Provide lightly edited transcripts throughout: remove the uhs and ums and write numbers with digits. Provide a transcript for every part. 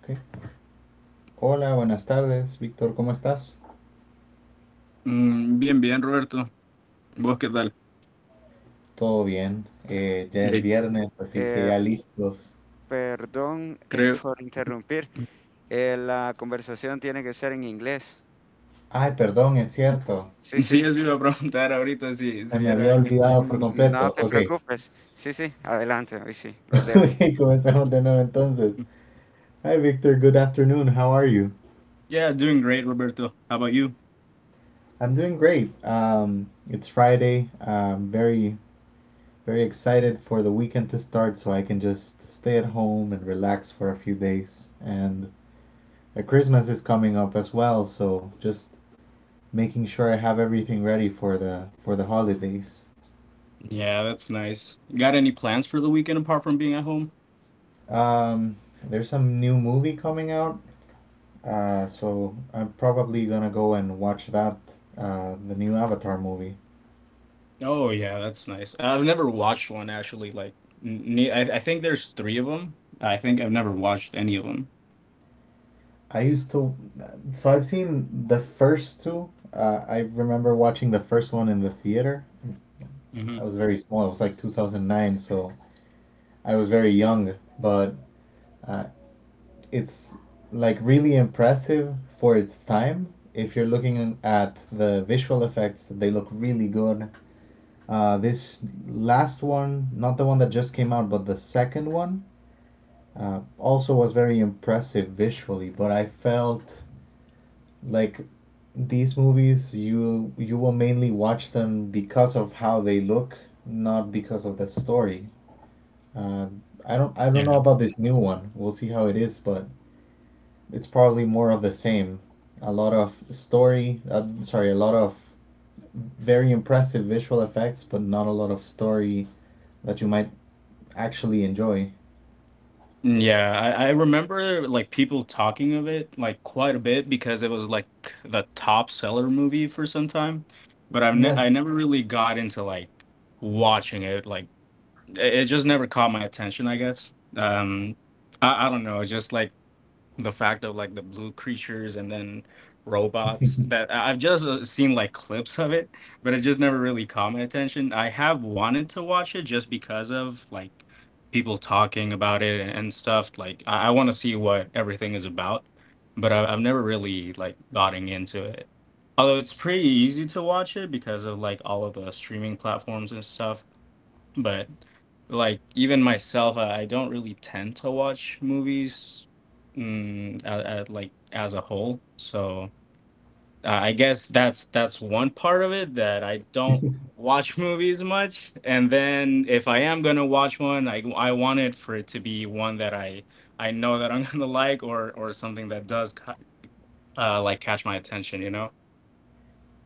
Ok. Hola, buenas tardes, Víctor, ¿cómo estás? Todo bien, eh, ya es viernes, así que Eh, ya listos. Perdón por interrumpir. La conversación tiene que ser en inglés. Ay, perdón, es cierto, Sí, sí. se me había olvidado por No completo. te Ok, preocupes. Sí, sí. Adelante. Hoy sí. Los dejo. ok, comencemos de nuevo entonces. Hi, Victor, good afternoon, how are you? I'm doing great. It's Friday, I'm very, very excited for the weekend to start so I can just stay at home and relax for a few days. And Christmas is coming up as well, so just making sure I have everything ready for the holidays. Um, there's some new movie coming out, so I'm probably gonna go and watch that, the new Avatar movie. I used to, so I've seen the first two. I remember watching the first one in the theater. I was very small. It was like 2009, so I was very young. But uh, it's like really impressive for its time. If you're looking at the visual effects, they look really good. This last one, not the one that just came out, but the second one, also was very impressive visually. But I felt like these movies, you will mainly watch them because of how they look, not because of the story. Uh, I don't know about this new one. We'll see how it is, but it's probably more of the same. A lot of story, sorry, a lot of very impressive visual effects, but not a lot of story that you might actually enjoy. Yes.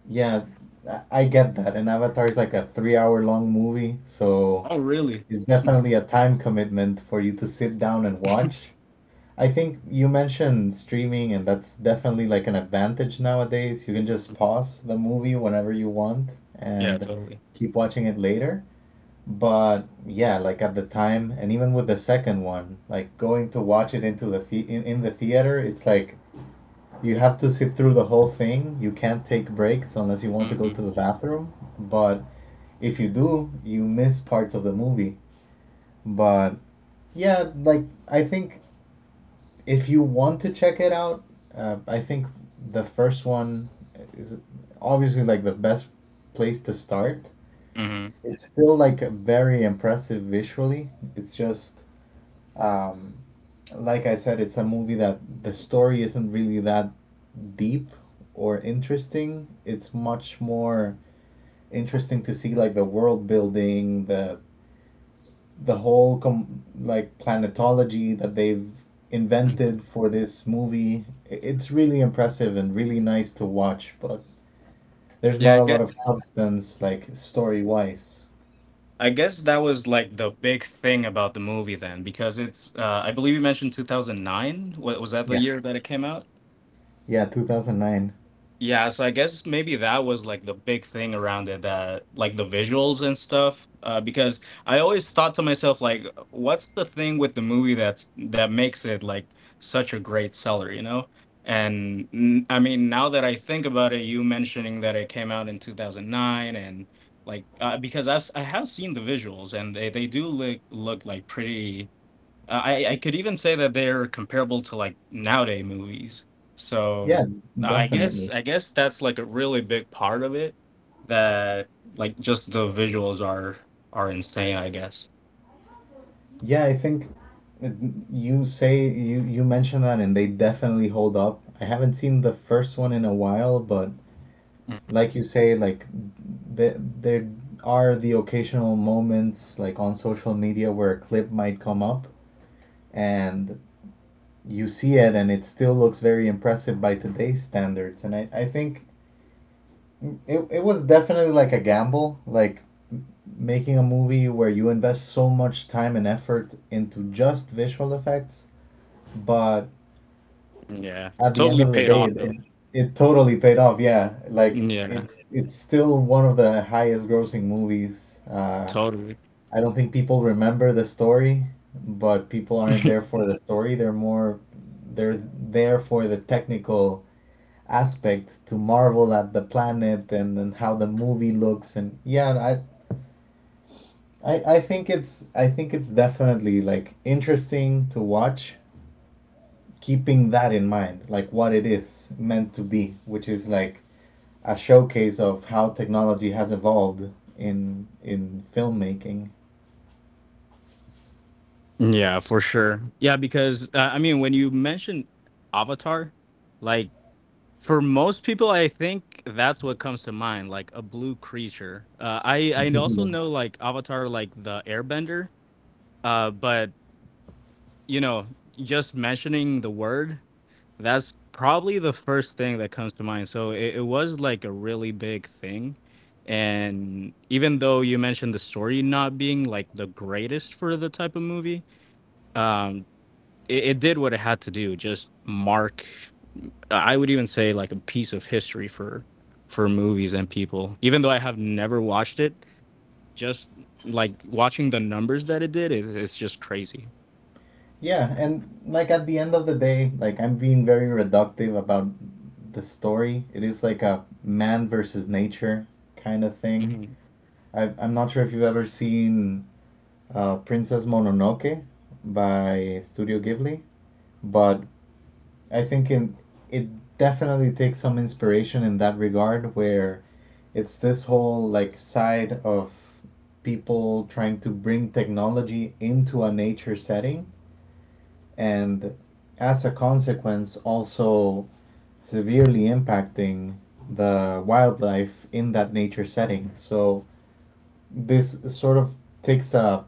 Yeah, I get that. And Avatar is like a 3 hour long movie, so it's definitely a time commitment for you to sit down and watch. I think you mentioned streaming, and that's definitely like an advantage nowadays. You can just pause the movie whenever you want and keep watching it later. But yeah, like at the time, and even with the second one, like going to watch it into the- in the theater, it's like you have to sit through the whole thing. You can't take breaks unless you want to go to the bathroom. But if you do, you miss parts of the movie. But yeah, like I think if you want to check it out, I think the first one is obviously like the best place to start. It's still like very impressive visually. It's just um, like I said, it's a movie that the story isn't really that deep or interesting. It's much more interesting to see like the world building, the whole like planetology that they've invented for this movie, it's really impressive and really nice to watch, but there's not a lot of substance like story wise. Yeah. Yeah, 2009. Yeah, definitely. yeah i think it- you say you mentioned that, and they definitely hold up. I haven't seen the first one in a while, but like you say, like there are the occasional moments like on social media where a clip might come up, and you see it and it still looks very impressive by today's standards. And I think it was definitely like a gamble, like making a movie where you invest so much time and effort into just visual effects, but at the end of the day, it totally paid off. Yeah, like it's still one of the highest grossing movies. I don't think people remember the story, but people aren't there for the story. They're there for the technical aspect to marvel at the planet and, how the movie looks. And yeah, I think it's definitely like interesting to watch, keeping that in mind, like what it is meant to be, which is like a showcase of how technology has evolved in filmmaking. Yeah, and like at the end of the day, like I'm being very reductive about the story. It is like a man versus nature kind of thing. I'm not sure if you've ever seen, Princess Mononoke by Studio Ghibli, but I think in, it definitely takes some inspiration in that regard, where it's this whole like side of people trying to bring technology into a nature setting, and as a consequence, also severely impacting the wildlife in that nature setting. So this sort of takes a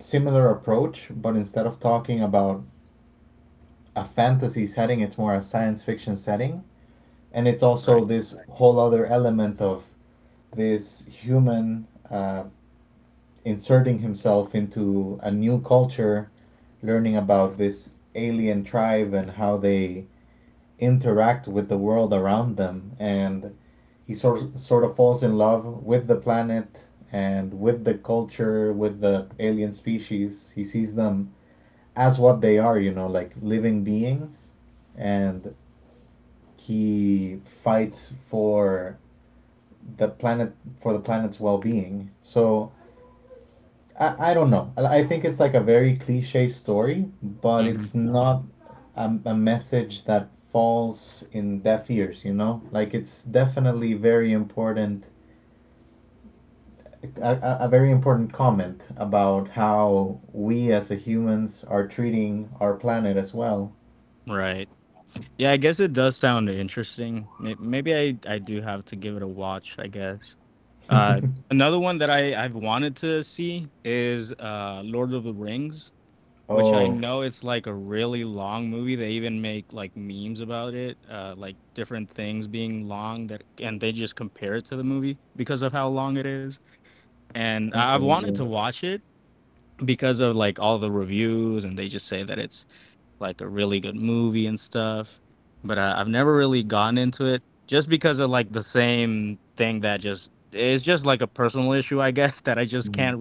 similar approach, but instead of talking about a fantasy setting, it's more a science fiction setting. And it's also this whole other element of this human, inserting himself into a new culture, learning about this alien tribe and how they interact with the world around them, and he sort of falls in love with the planet and with the culture, with the alien species. He sees them as what they are, you know, like living beings, and he fights the planet for the planet's well-being. So I don't know. I think it's like a very cliche story, but it's not a message that falls in deaf ears, you know? Like it's definitely very important, a very important comment about how we as a humans are treating our planet as well. Oh, okay, yeah. Mm.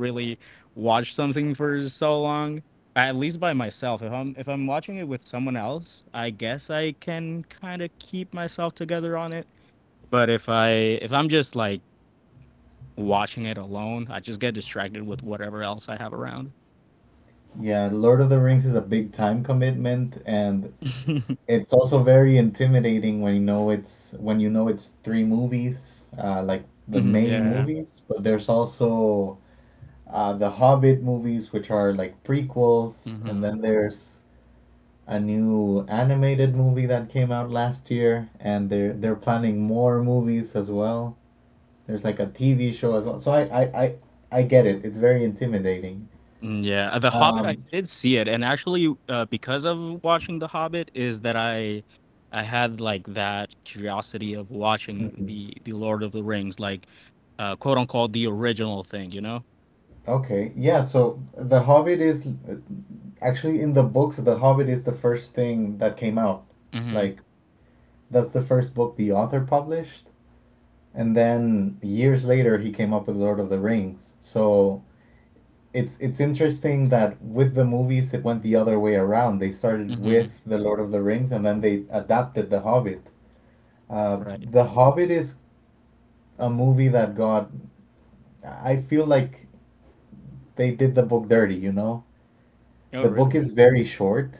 Yeah, Lord of the Rings is a big time commitment, and it's also very intimidating when you know it's when you know it's three movies, like the main movies, but there's also, the Hobbit movies, which are like prequels, and then there's a new animated movie that came out last year, and they're planning more movies as well. There's like a TV show as well. So I get it. It's very intimidating. Um, mm-hmm. Okay, yeah, so The Hobbit is actually, in the books, The Hobbit is the first thing that came out. Like, that's the first book the author published, and then years later he came up with Lord of the Rings. So it's interesting that with the movies it went the other way around. They started with The Lord of the Rings and then they adapted The Hobbit. Uh, the Hobbit is a movie that got, I feel like they did the book dirty, you know? The book is very short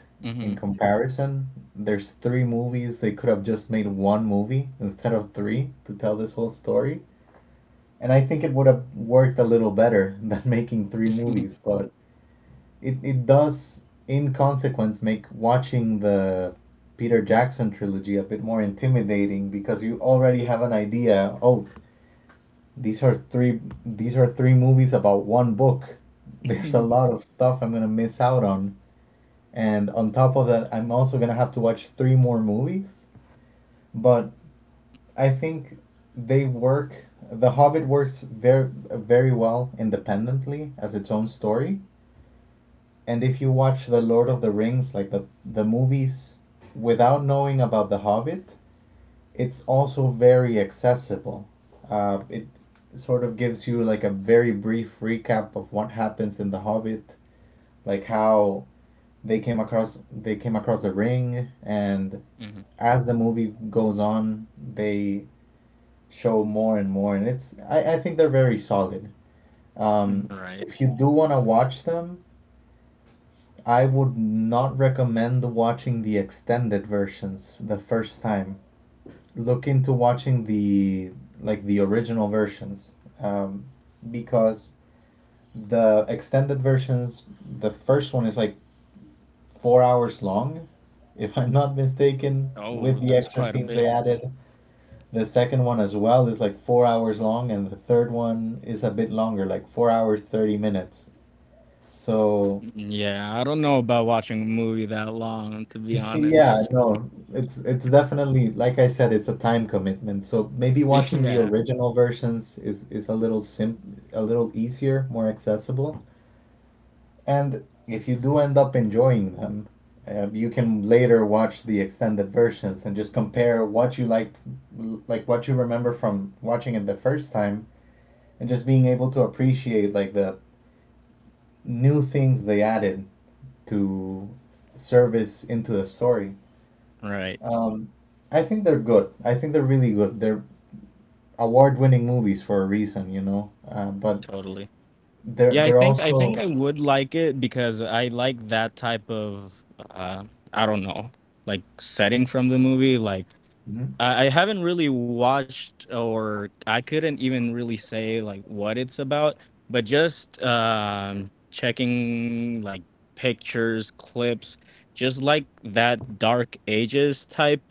in comparison. There's three movies. They could have just made one movie instead of three to tell this whole story. And I think it would have worked a little better than making three movies. But it does, in consequence, make watching the Peter Jackson trilogy a bit more intimidating because you already have an idea. Oh, these are three movies about one book. There's a lot of stuff I'm gonna miss out on. And on top of that, I'm also gonna have to watch three more movies. But I think they work. The Hobbit works very very well independently as its own story. And if you watch The Lord of the Rings, like the movies, without knowing about The Hobbit, it's also very accessible. It sort of gives you like a very brief recap of what happens in The Hobbit, like how they came across the ring, and as the movie goes on, they show more and more, and it's, I think they're very solid. Um, if you do want to watch them, I would not recommend watching the extended versions the first time. Look into watching the like the original versions, um, because the extended versions, the first one is like 4 hours long, if I'm not mistaken, with the extra scenes they added. The second one as well is like 4 hours long, and the third one is a bit longer, like 4 hours, 30 minutes. So, yeah, no, it's definitely, like I said, it's a time commitment. So maybe watching the original versions is a little easier, more accessible. And if you do end up enjoying them, you can later watch the extended versions and just compare what you liked, like what you remember from watching it the first time, and just being able to appreciate like the new things they added to service into the story. Um, I think they're good. I think they're really good. They're award-winning movies for a reason, you know. But they're also, mhm,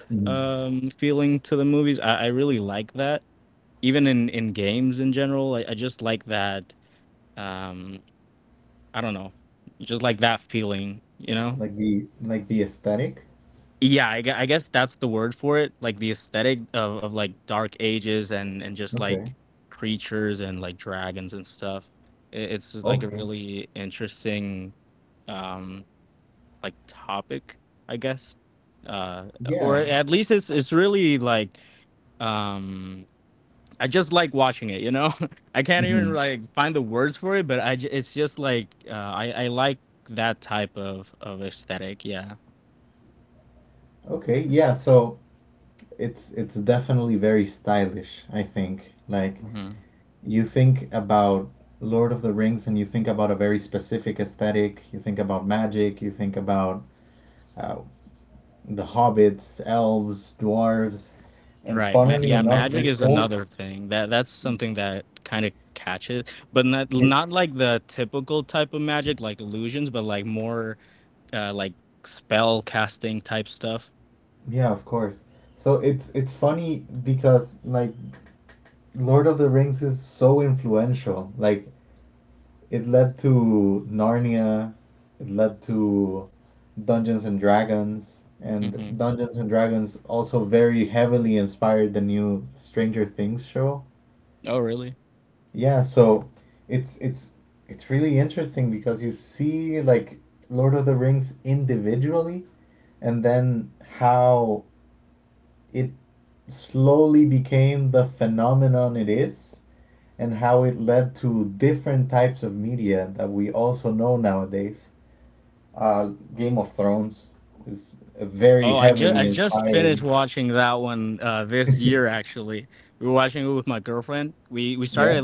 mhm, like the aesthetic. Okay. Okay. Yeah. Mhm. Okay. Yeah. So it's definitely very stylish. I think, like, you think about Lord of the Rings and you think about a very specific aesthetic, you think about magic, you think about, uh, the hobbits, elves, dwarves, and funnily enough, this whole, it's yeah, of course. So it's funny because, like, Lord of the Rings is so influential. Like, it led to Narnia, it led to Dungeons and Dragons, and Dungeons and Dragons also very heavily inspired the new Stranger Things show. Yeah, so it's it's it's really interesting because you see like Lord of the Rings individually and then how it slowly became the phenomenon it is and how it led to different types of media that we also know nowadays. Uh, Game of Thrones is very heavily inspired. Yeah.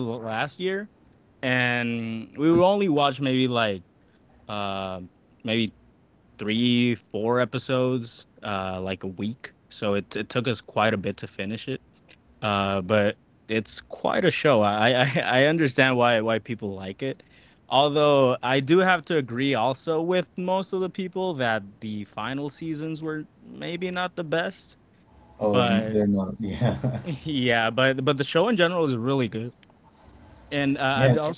Oh, they're not. Yeah. Yeah, okay.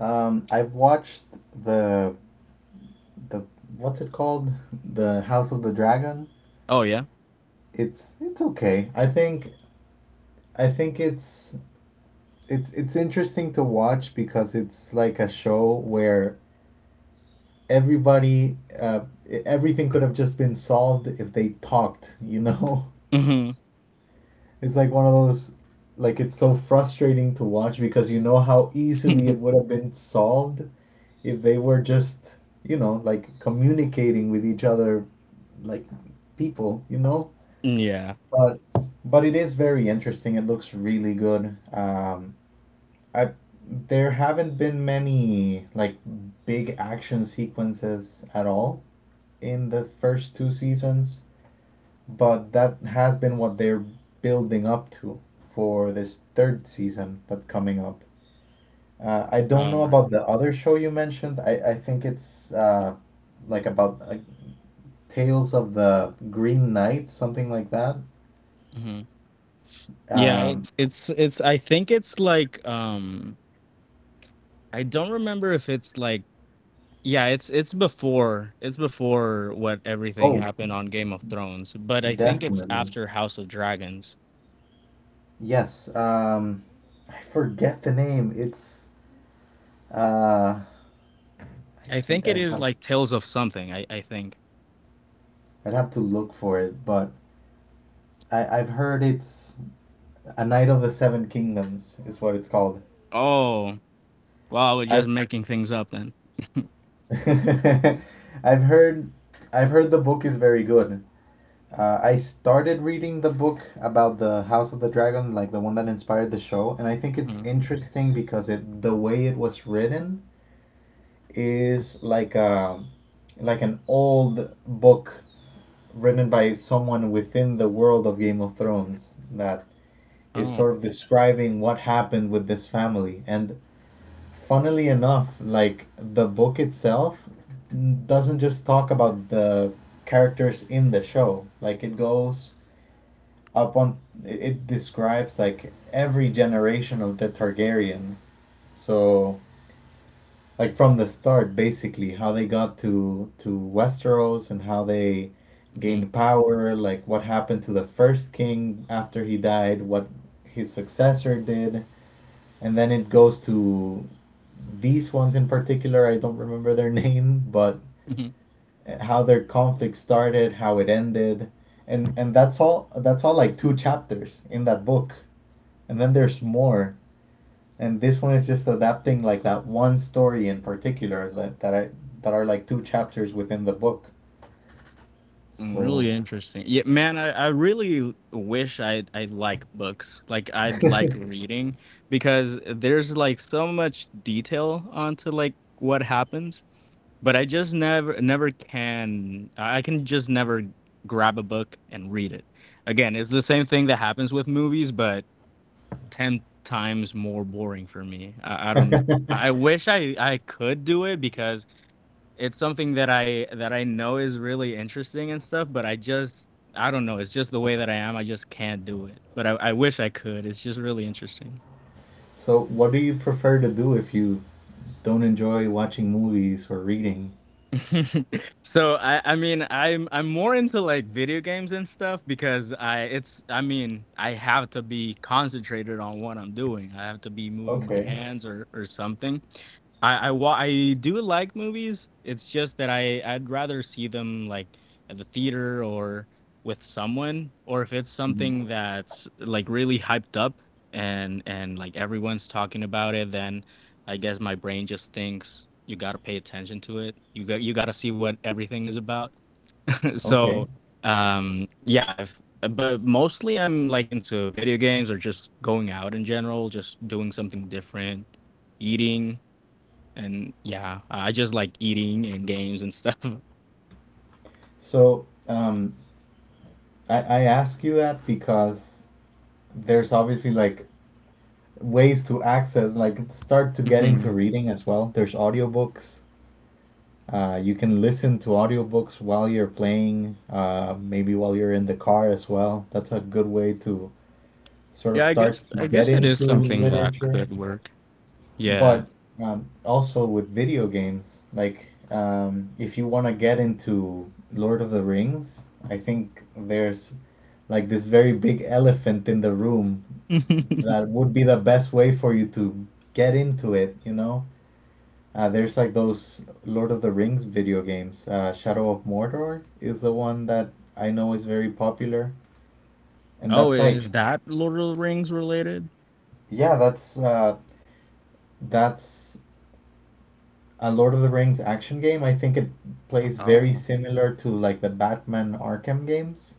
I've watched the the what's it called? The House of the Dragon. It's okay. I think it's interesting to watch because it's like a show where everybody uh, everything could have just been solved if they talked, you know? It's like one of those, like it's so frustrating to watch because you know how easily it would have been solved if they were just, you know, like communicating with each other like people, you know? But but it is very interesting. It looks really good. I There haven't been many like big action sequences at all in the first two seasons, but that has been what they're building up to for this third season that's coming up. I don't know about the other show you mentioned. I think it's about Tales of the Green Knight, something like that. Um, oh, definitely. Yes. I forget the name. Uh, I, I, I'd have I'd have to look for it, but I've heard it's A Knight of the Seven Kingdoms is what it's called. I I've heard I've heard the book is very good. I started reading the book about the House of the Dragon, like the one that inspired the show, and I think it's interesting because it the way it was written is like a an old book written by someone within the world of Game of Thrones that is sort of describing what happened with this family. And funnily enough, like the book itself doesn't just talk about the characters in the show. Like it goes up on it describes like every generation of the Targaryen. So like from the start basically how they got to Westeros and how they gained power, like what happened to the first king after he died, what his successor did, and then it goes to these ones in particular. I don't remember their name, but how their conflict started, how it ended, and that's all. That's all like two chapters in that book, and then there's more. And this one is just adapting like that one story in particular that are like two chapters within the book. So, so what do you prefer to do if you don't enjoy watching movies or reading? Okay. Mhm. Okay. So I ask you that because there's obviously like ways to access, like start to get into reading as well. There's audiobooks. You can listen to audiobooks while you're playing, maybe while you're in the car as well. That's a good way to sort of start to get into literature. But also with video games, like if you want to get into Lord of the Rings, I think there's like this very big elephant in the room that would be the best way for you to get into it, you know? There's like those Lord of the Rings video games. Shadow of Mordor is the one that I know is very popular, and that's like, yeah, that's a Lord of the Rings action game. I think it plays very similar to like the Batman Arkham games.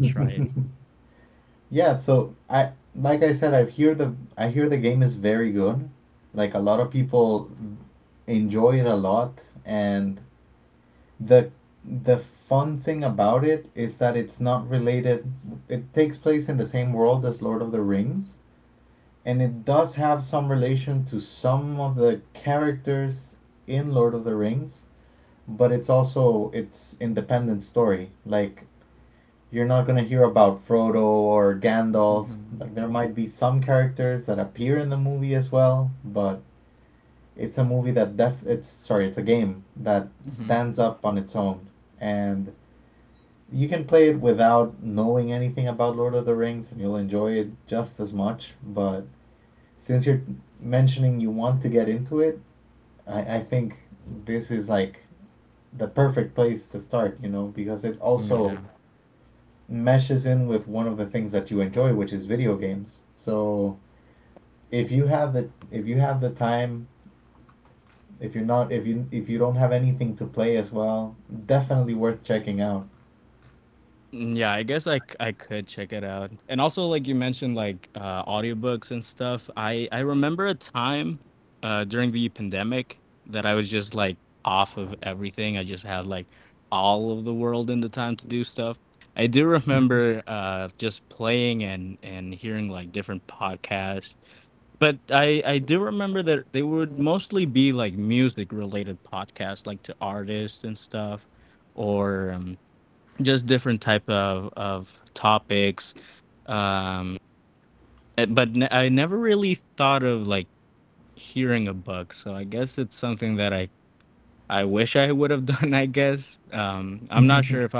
Yeah, so I like I said, I hear the game is very good. Like a lot of people enjoy it a lot, and the the fun thing about it is that it's not related. It takes place in the same world as Lord of the Rings, and it does have some relation to some of the characters in Lord of the Rings, but it's also its independent story. Like you're not gonna hear about Frodo or Gandalf. Like there might be some characters that appear in the movie as well, but it's a movie that def it's sorry, it's a game that stands up on its own. And you can play it without knowing anything about Lord of the Rings and you'll enjoy it just as much. But since you're mentioning you want to get into it, I think this is like the perfect place to start, you know, because it also meshes in with one of the things that you enjoy, which is video games. So if you have the time, if you're not if you if you don't have anything to play as well, definitely worth checking out.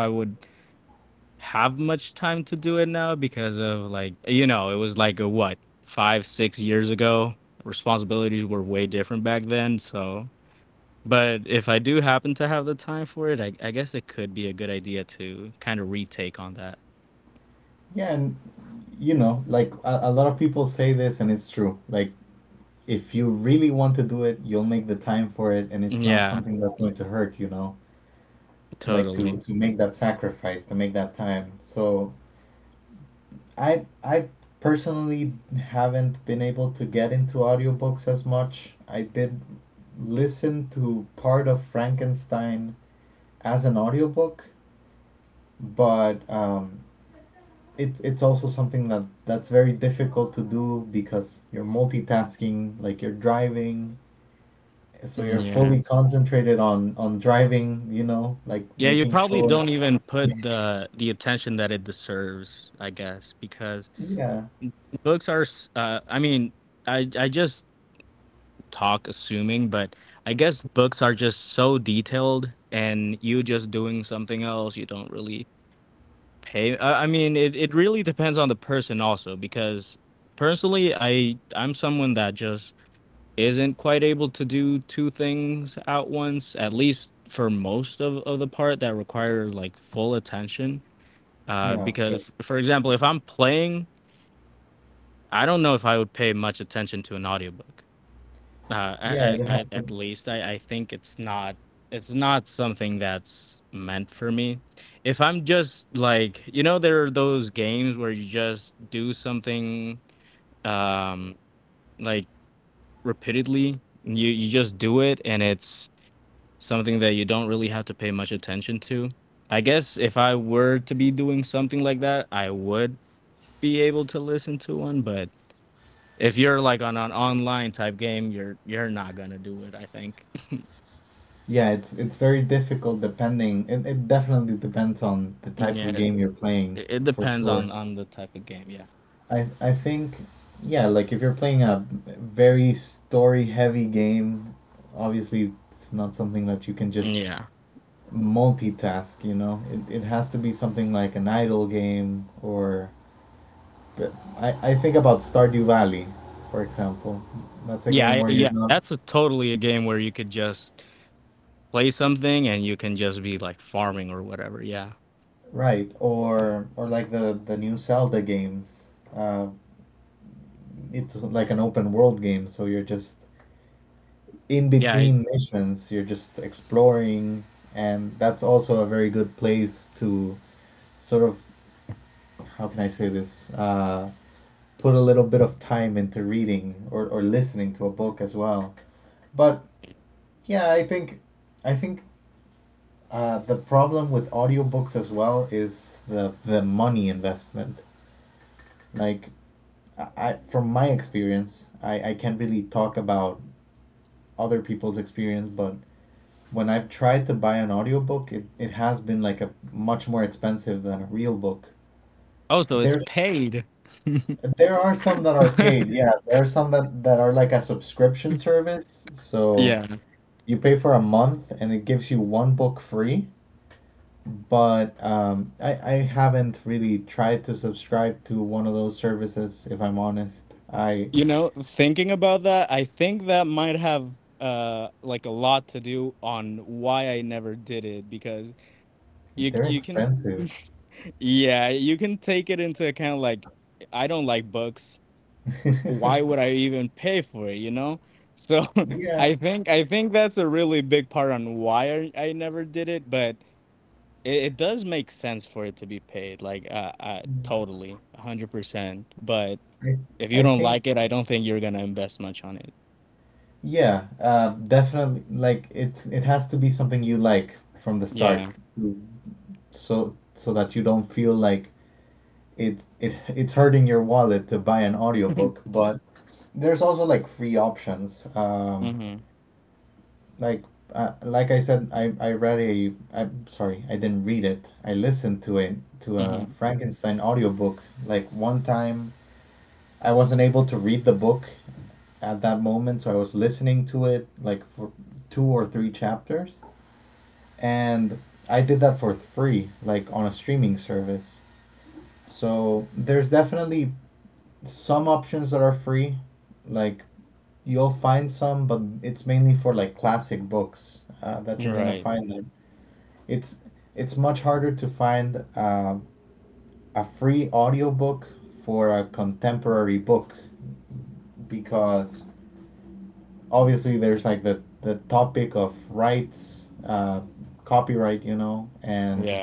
Yeah, and you know, like a lot of people say this, and it's true. Like if you really want to do it, you'll make the time for it, and it's not something that's going to hurt. You know, like to make that sacrifice, to make that time. So I personally haven't been able to get into audiobooks as much. I did listen to part of Frankenstein as an audiobook, but it's also something that that's very difficult to do because you're multitasking, like you're driving, so you're fully concentrated on driving, you know, like making sure. Yeah, yeah, of course. Yeah, it, ha- Yeah, it's very difficult it definitely depends on the type of game you're playing for sure. I think yeah, like if you're playing a very story heavy game, obviously it's not something that you can just multitask, you know. It has to be something like an idle game or but I think about Stardew Valley, for example. That's a game where you're not. Right, or like the new Zelda games. Uh, it's like an open world game, so you're just in between missions, you're just exploring, and that's also a very good place to sort of, how can I say this, put a little bit of time into reading or listening to a book as well. But yeah, I think the problem with audiobooks as well is the money investment. Like I from my experience, I can't really talk about other people's experience, but when I've tried to buy an audiobook, it has been like a much more expensive than a real book. There's there are some that are paid, yeah. There are some that are like a subscription service. So you pay for a month and it gives you one book free. But I haven't really tried to subscribe to one of those services, if I'm honest. I They're expensive. Yeah, I I think Yeah, definitely. Like it's it has to be something you like from the start. Mm. So so that you don't feel like it's hurting your wallet to buy an audiobook. But there's also like free options. Like like I said, I read a I'm sorry, I didn't read it. I listened to a Frankenstein audiobook like one time. I wasn't able to read the book at that moment, so I was listening to it like for two or three chapters, and I did that for free, like on a streaming service. So there's definitely some options that are free, like you'll find some, but it's mainly for like classic books that you're gonna find them. It's it's much harder to find a free audiobook for a contemporary book because obviously there's like the topic of rights, copyright, you know, and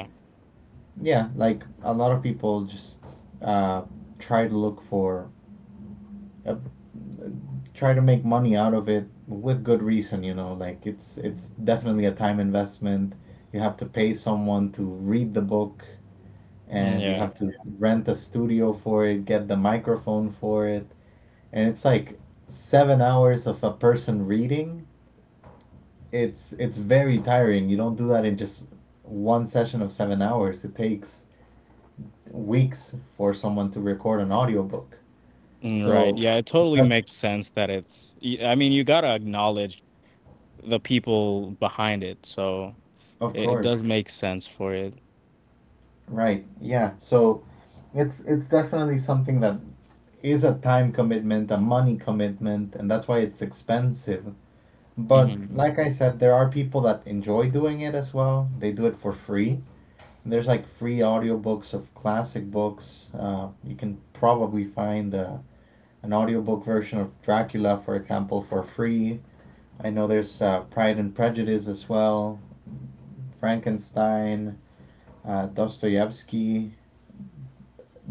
yeah, like a lot of people just uh, try to look for uh, try to make money out of it with good reason, you know, like it's definitely a time investment. You have to pay someone to read the book and you have to rent a studio for it, get the microphone for it, and it's like 7 hours of a person reading. It's very tiring. You don't do that in just one session of 7 hours. It takes weeks for someone to record an audiobook. So that's of course. Right. Yeah. So it's definitely something that is a time commitment, a money commitment, and that's why it's expensive. But like I said, there are people that enjoy doing it as well. They do it for free. There's like free audiobooks of classic books. You can probably find an audiobook version of Dracula, for example, for free. I know there's Pride and Prejudice as well, Frankenstein, Dostoevsky.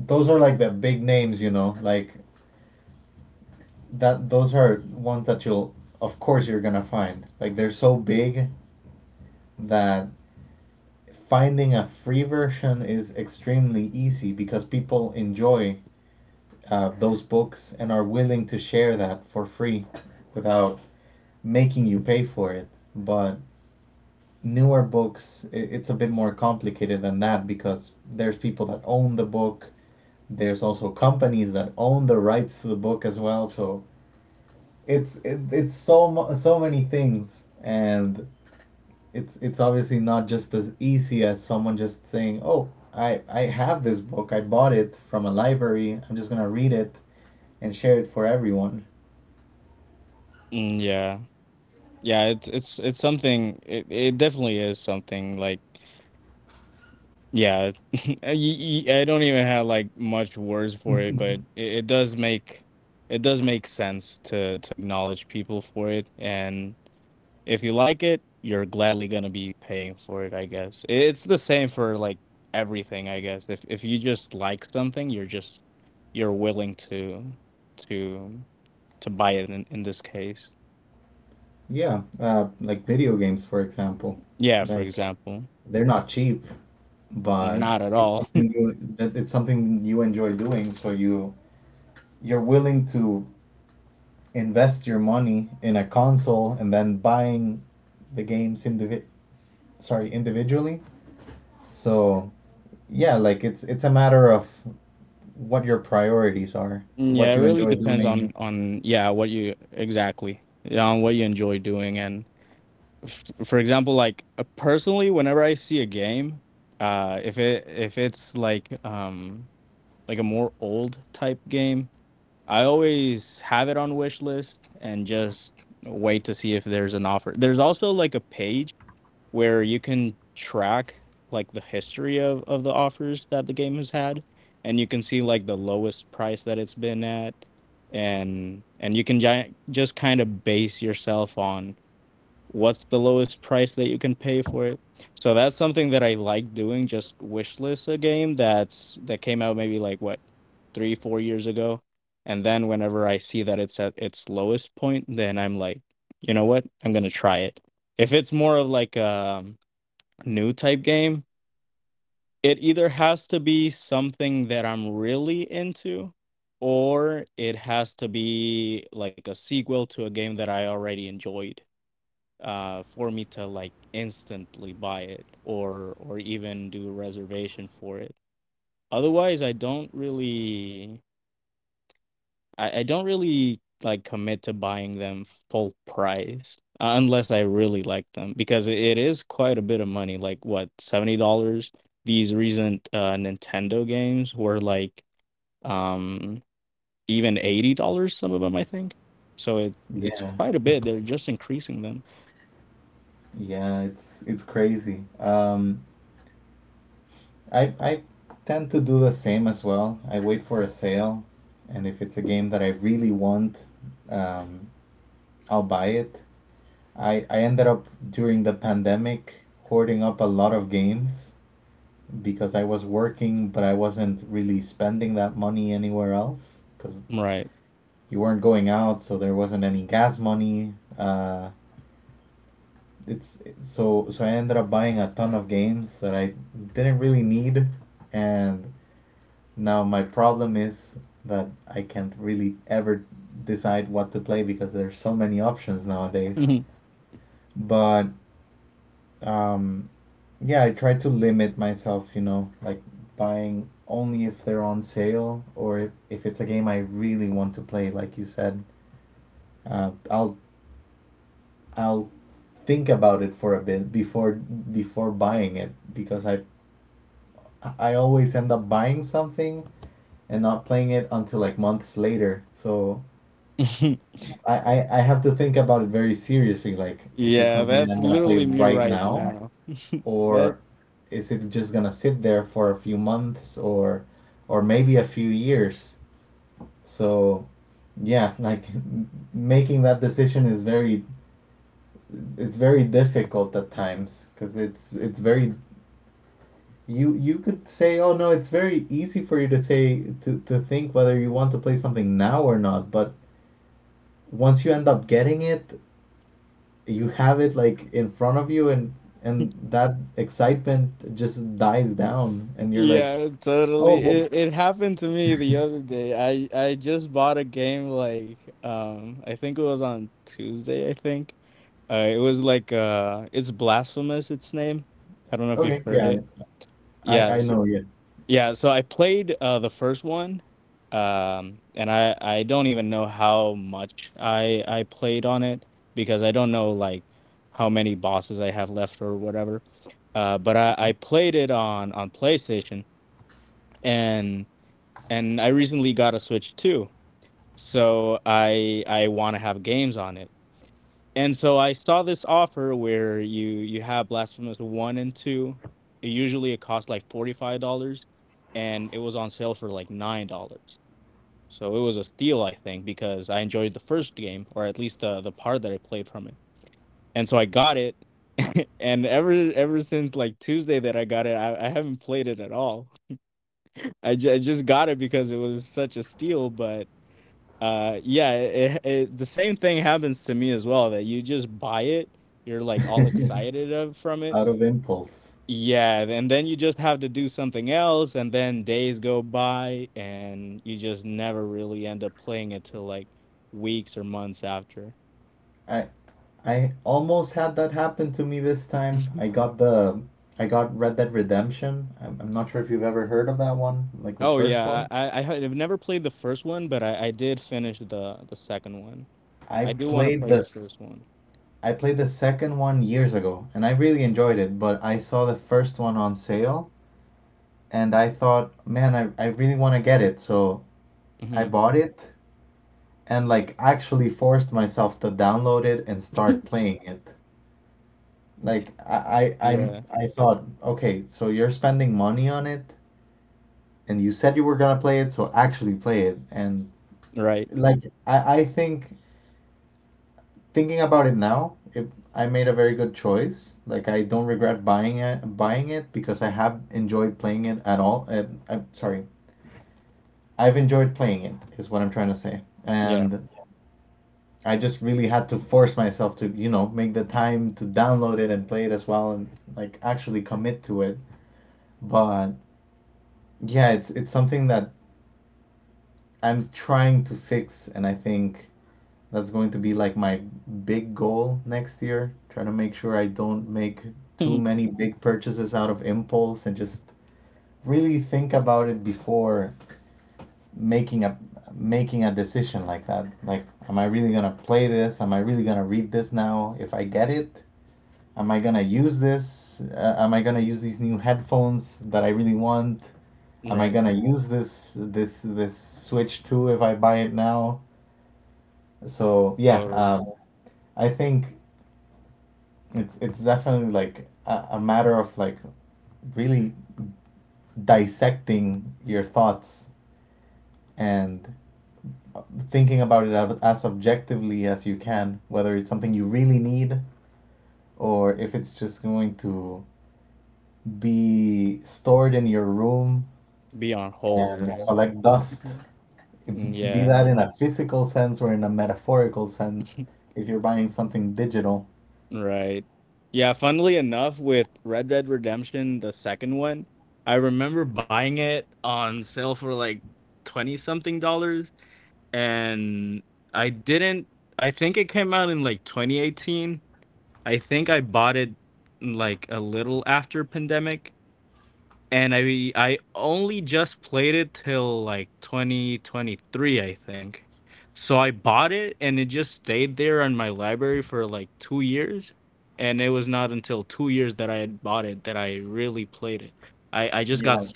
Those are like the big names, you know, like that. Those are ones that you'll, of course, you're gonna find. Like they're so big that finding a free version is extremely easy because people enjoy those books and are willing to share that for free without making you pay for it. But newer books, it's a bit more complicated than that because there's people that own the book, there's also companies that own the rights to the book as well. So it's so many things, and it's obviously not just as easy as someone just saying, oh, I have this book, I bought it from a library, I'm just going to read it and share it for everyone. Yeah, like video games, for example. Like, they're not cheap, but it's something you enjoy doing, so you you're willing to invest your money in a console and then buying the games indivi- sorry individually. So yeah, like it's a matter of what your priorities are, what you enjoy doing. Yeah. Yeah, it's crazy. I tend to do the same as well. I wait for a sale, and if it's a game that I really want, um I'll buy it. I ended up during the pandemic hoarding up a lot of games because I was working, but I wasn't really spending that money anywhere else because you weren't going out, so there wasn't any gas money. It's so So I ended up buying a ton of games that I didn't really need, and now my problem is that I can't really ever decide what to play because there's so many options nowadays. But um yeah, I try to limit myself, you know, like buying only if they're on sale, or if it's a game I really want to play like you said. uh, i'll I'll think about it for a bit before buying it, because I always end up buying something and not playing it until like months later. So I have to think about it very seriously, like is it something that I'm gonna play right now, or is it just gonna sit there for a few months, or maybe a few years? So yeah, like making that decision is very, it's very difficult at times, because it's very, you could say, oh no, it's very easy for you to say to think whether you want to play something now or not, but once you end up getting it, you have it like in front of you, and that excitement just dies down, and you're like, oh, but okay, yeah, I know, yeah. Out of impulse. I I almost had that happen to me this time. I got Red Dead Redemption. I'm not sure if you've ever heard of that one, like the first one. I played this I played the second 1 year ago and I really enjoyed it, but I saw the first one on sale and I thought, man, I really want to get it. So I bought it, and like actually forced myself to download it and start playing it. Like, I, I thought, okay, so you're spending money on it, and you said you were gonna play it, so actually play it. And like, I think, thinking about it now, it, I made a very good choice. Like, I don't regret buying it, because I have enjoyed playing it at all. I'm sorry, I've enjoyed playing it is what I'm trying to say. And I just really had to force myself to, you know, make the time to download it and play it as well, and like actually commit to it. But yeah, it's something that I'm trying to fix, and I think that's going to be like my big goal next year. Trying to make sure I don't make too many big purchases out of impulse, and just really think about it before making a making a decision like that. Like, am I really gonna play this? Am I really gonna read this now? If I get it, am I gonna use this? Am I gonna use these new headphones that I really want? Am I gonna use this Switch 2 if I buy it now? So yeah, I think it's definitely like a matter of like really dissecting your thoughts and thinking about it as objectively as you can, whether it's something you really need, or if it's just going to be stored in your room and collect dust. Be that in a physical sense or in a metaphorical sense, if you're buying something digital. Yeah.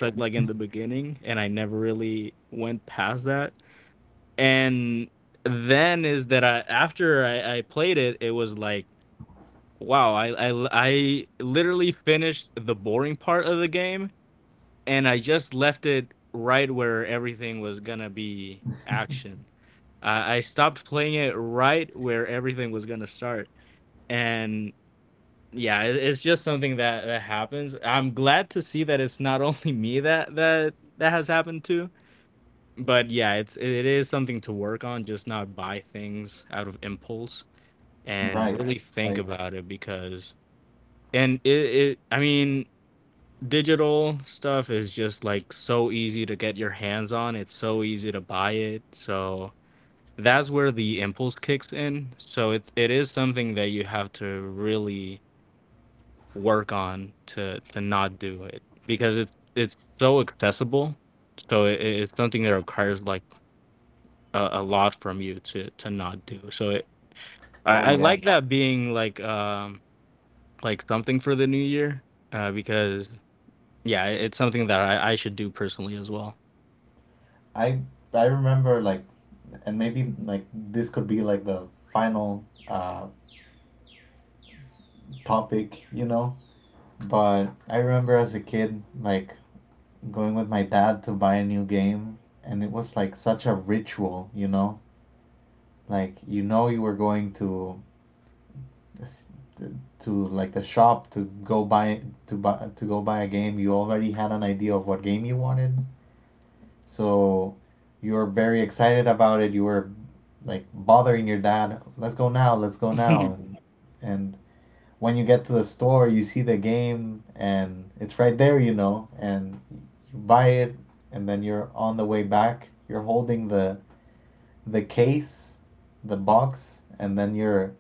Right, right. Oh, yes. I I remember, like, and maybe like this could be like the final topic, you know, but I remember as a kid like going with my dad to buy a new game, and it was like such a ritual, you know? Like, you know you were going to s- to like the shop to go buy to buy to go buy a game. You already had an idea of what game you wanted, so you were very excited about it. You were like bothering your dad, let's go now, let's go now. And when you get to the store, you see the game and it's right there, you know, and you buy it, and then you're on the way back, you're holding the case, the box, and then you're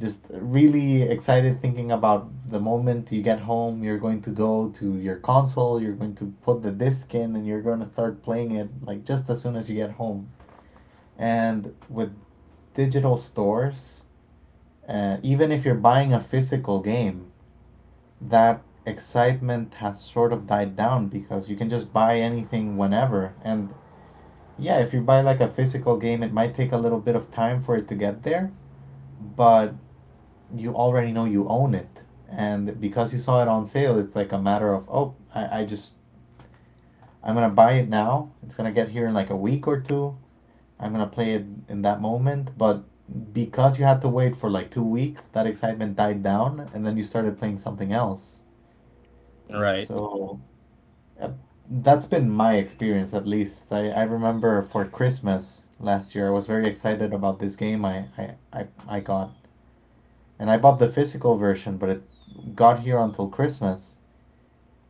just really excited thinking about the moment you get home, you're going to go to your console, you're going to put the disc in and you're going to start playing it, like just as soon as you get home. And with digital stores, even if you're buying a physical game, that excitement has sort of died down because you can just buy anything whenever. And yeah, if you buy like a physical game, it might take a little bit of time for it to get there, but you already know you own it, and because you saw it on sale, it's like a matter of, oh, I just, I'm gonna buy it now, it's gonna get here in like a week or two, I'm gonna play it in that moment. But because you had to wait for like 2 weeks, that excitement died down and then you started playing something else. So uh, that's been my experience, at least. I remember for Christmas last year, I was very excited about this game I got, and I bought the physical version, but it got here until Christmas.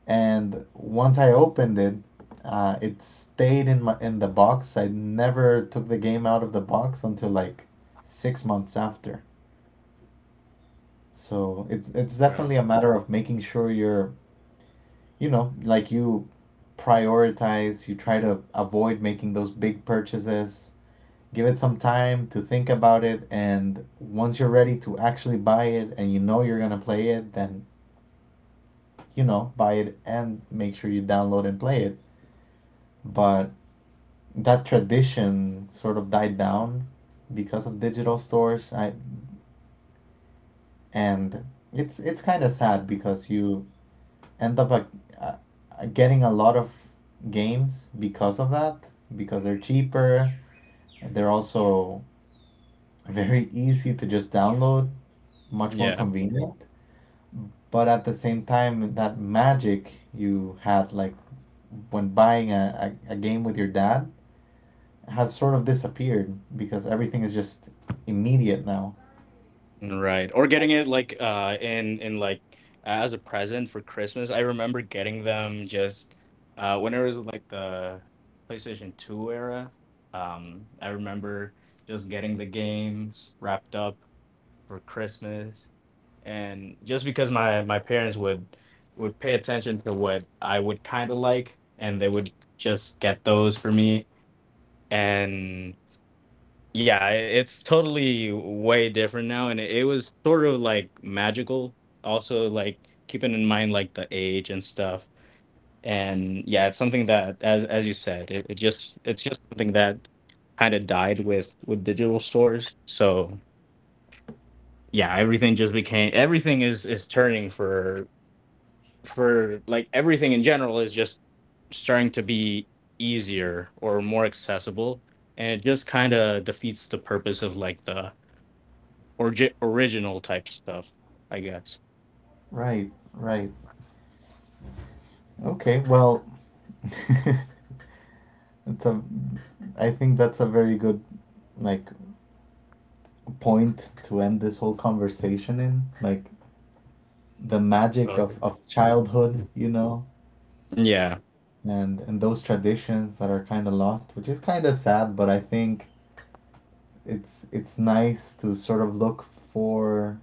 And once I opened it, it stayed in my in the box. I never took the game out of the box until like 6 months after. So it's definitely a matter of making sure you're, you know, like, you prioritize. You try to avoid making those big purchases. Give it some time to think about it, and once you're ready to actually buy it and you know you're gonna play it, then, you know, buy it and make sure you download and play it. But that tradition sort of died down because of digital stores. I and It's kind of sad because you end up like, uh, getting a lot of games because of that, because they're cheaper. They're also very easy to just download, much more convenient. But at the same time, that magic you had like when buying a game with your dad has sort of disappeared because everything is just immediate now. Right, right. Okay, well, it's a. I think that's a very good, like, point to end this whole conversation in. Like, the magic of childhood, you know, and those traditions that are kind of lost, which is kind of sad. But I think it's nice to sort of look for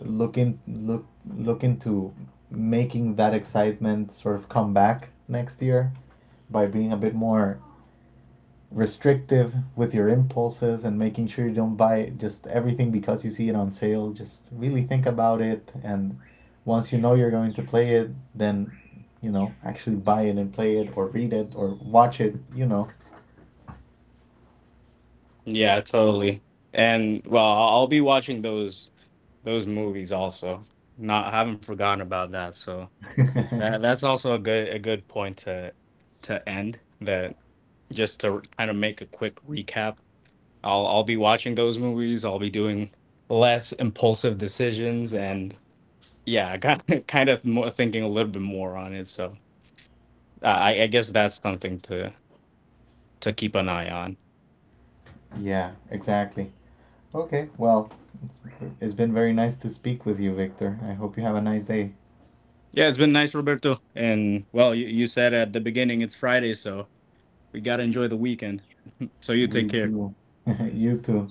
look in look look into making that excitement sort of come back next year by being a bit more restrictive with your impulses and making sure you don't buy just everything because you see it on sale. Just really think about it, and once you know you're going to play it, then, you know, actually buy it and play it, or read it, or watch it, you know. Yeah, exactly. Okay, well, it's, it's been very nice to speak with you, Victor. I hope you have a nice day. We do. You too.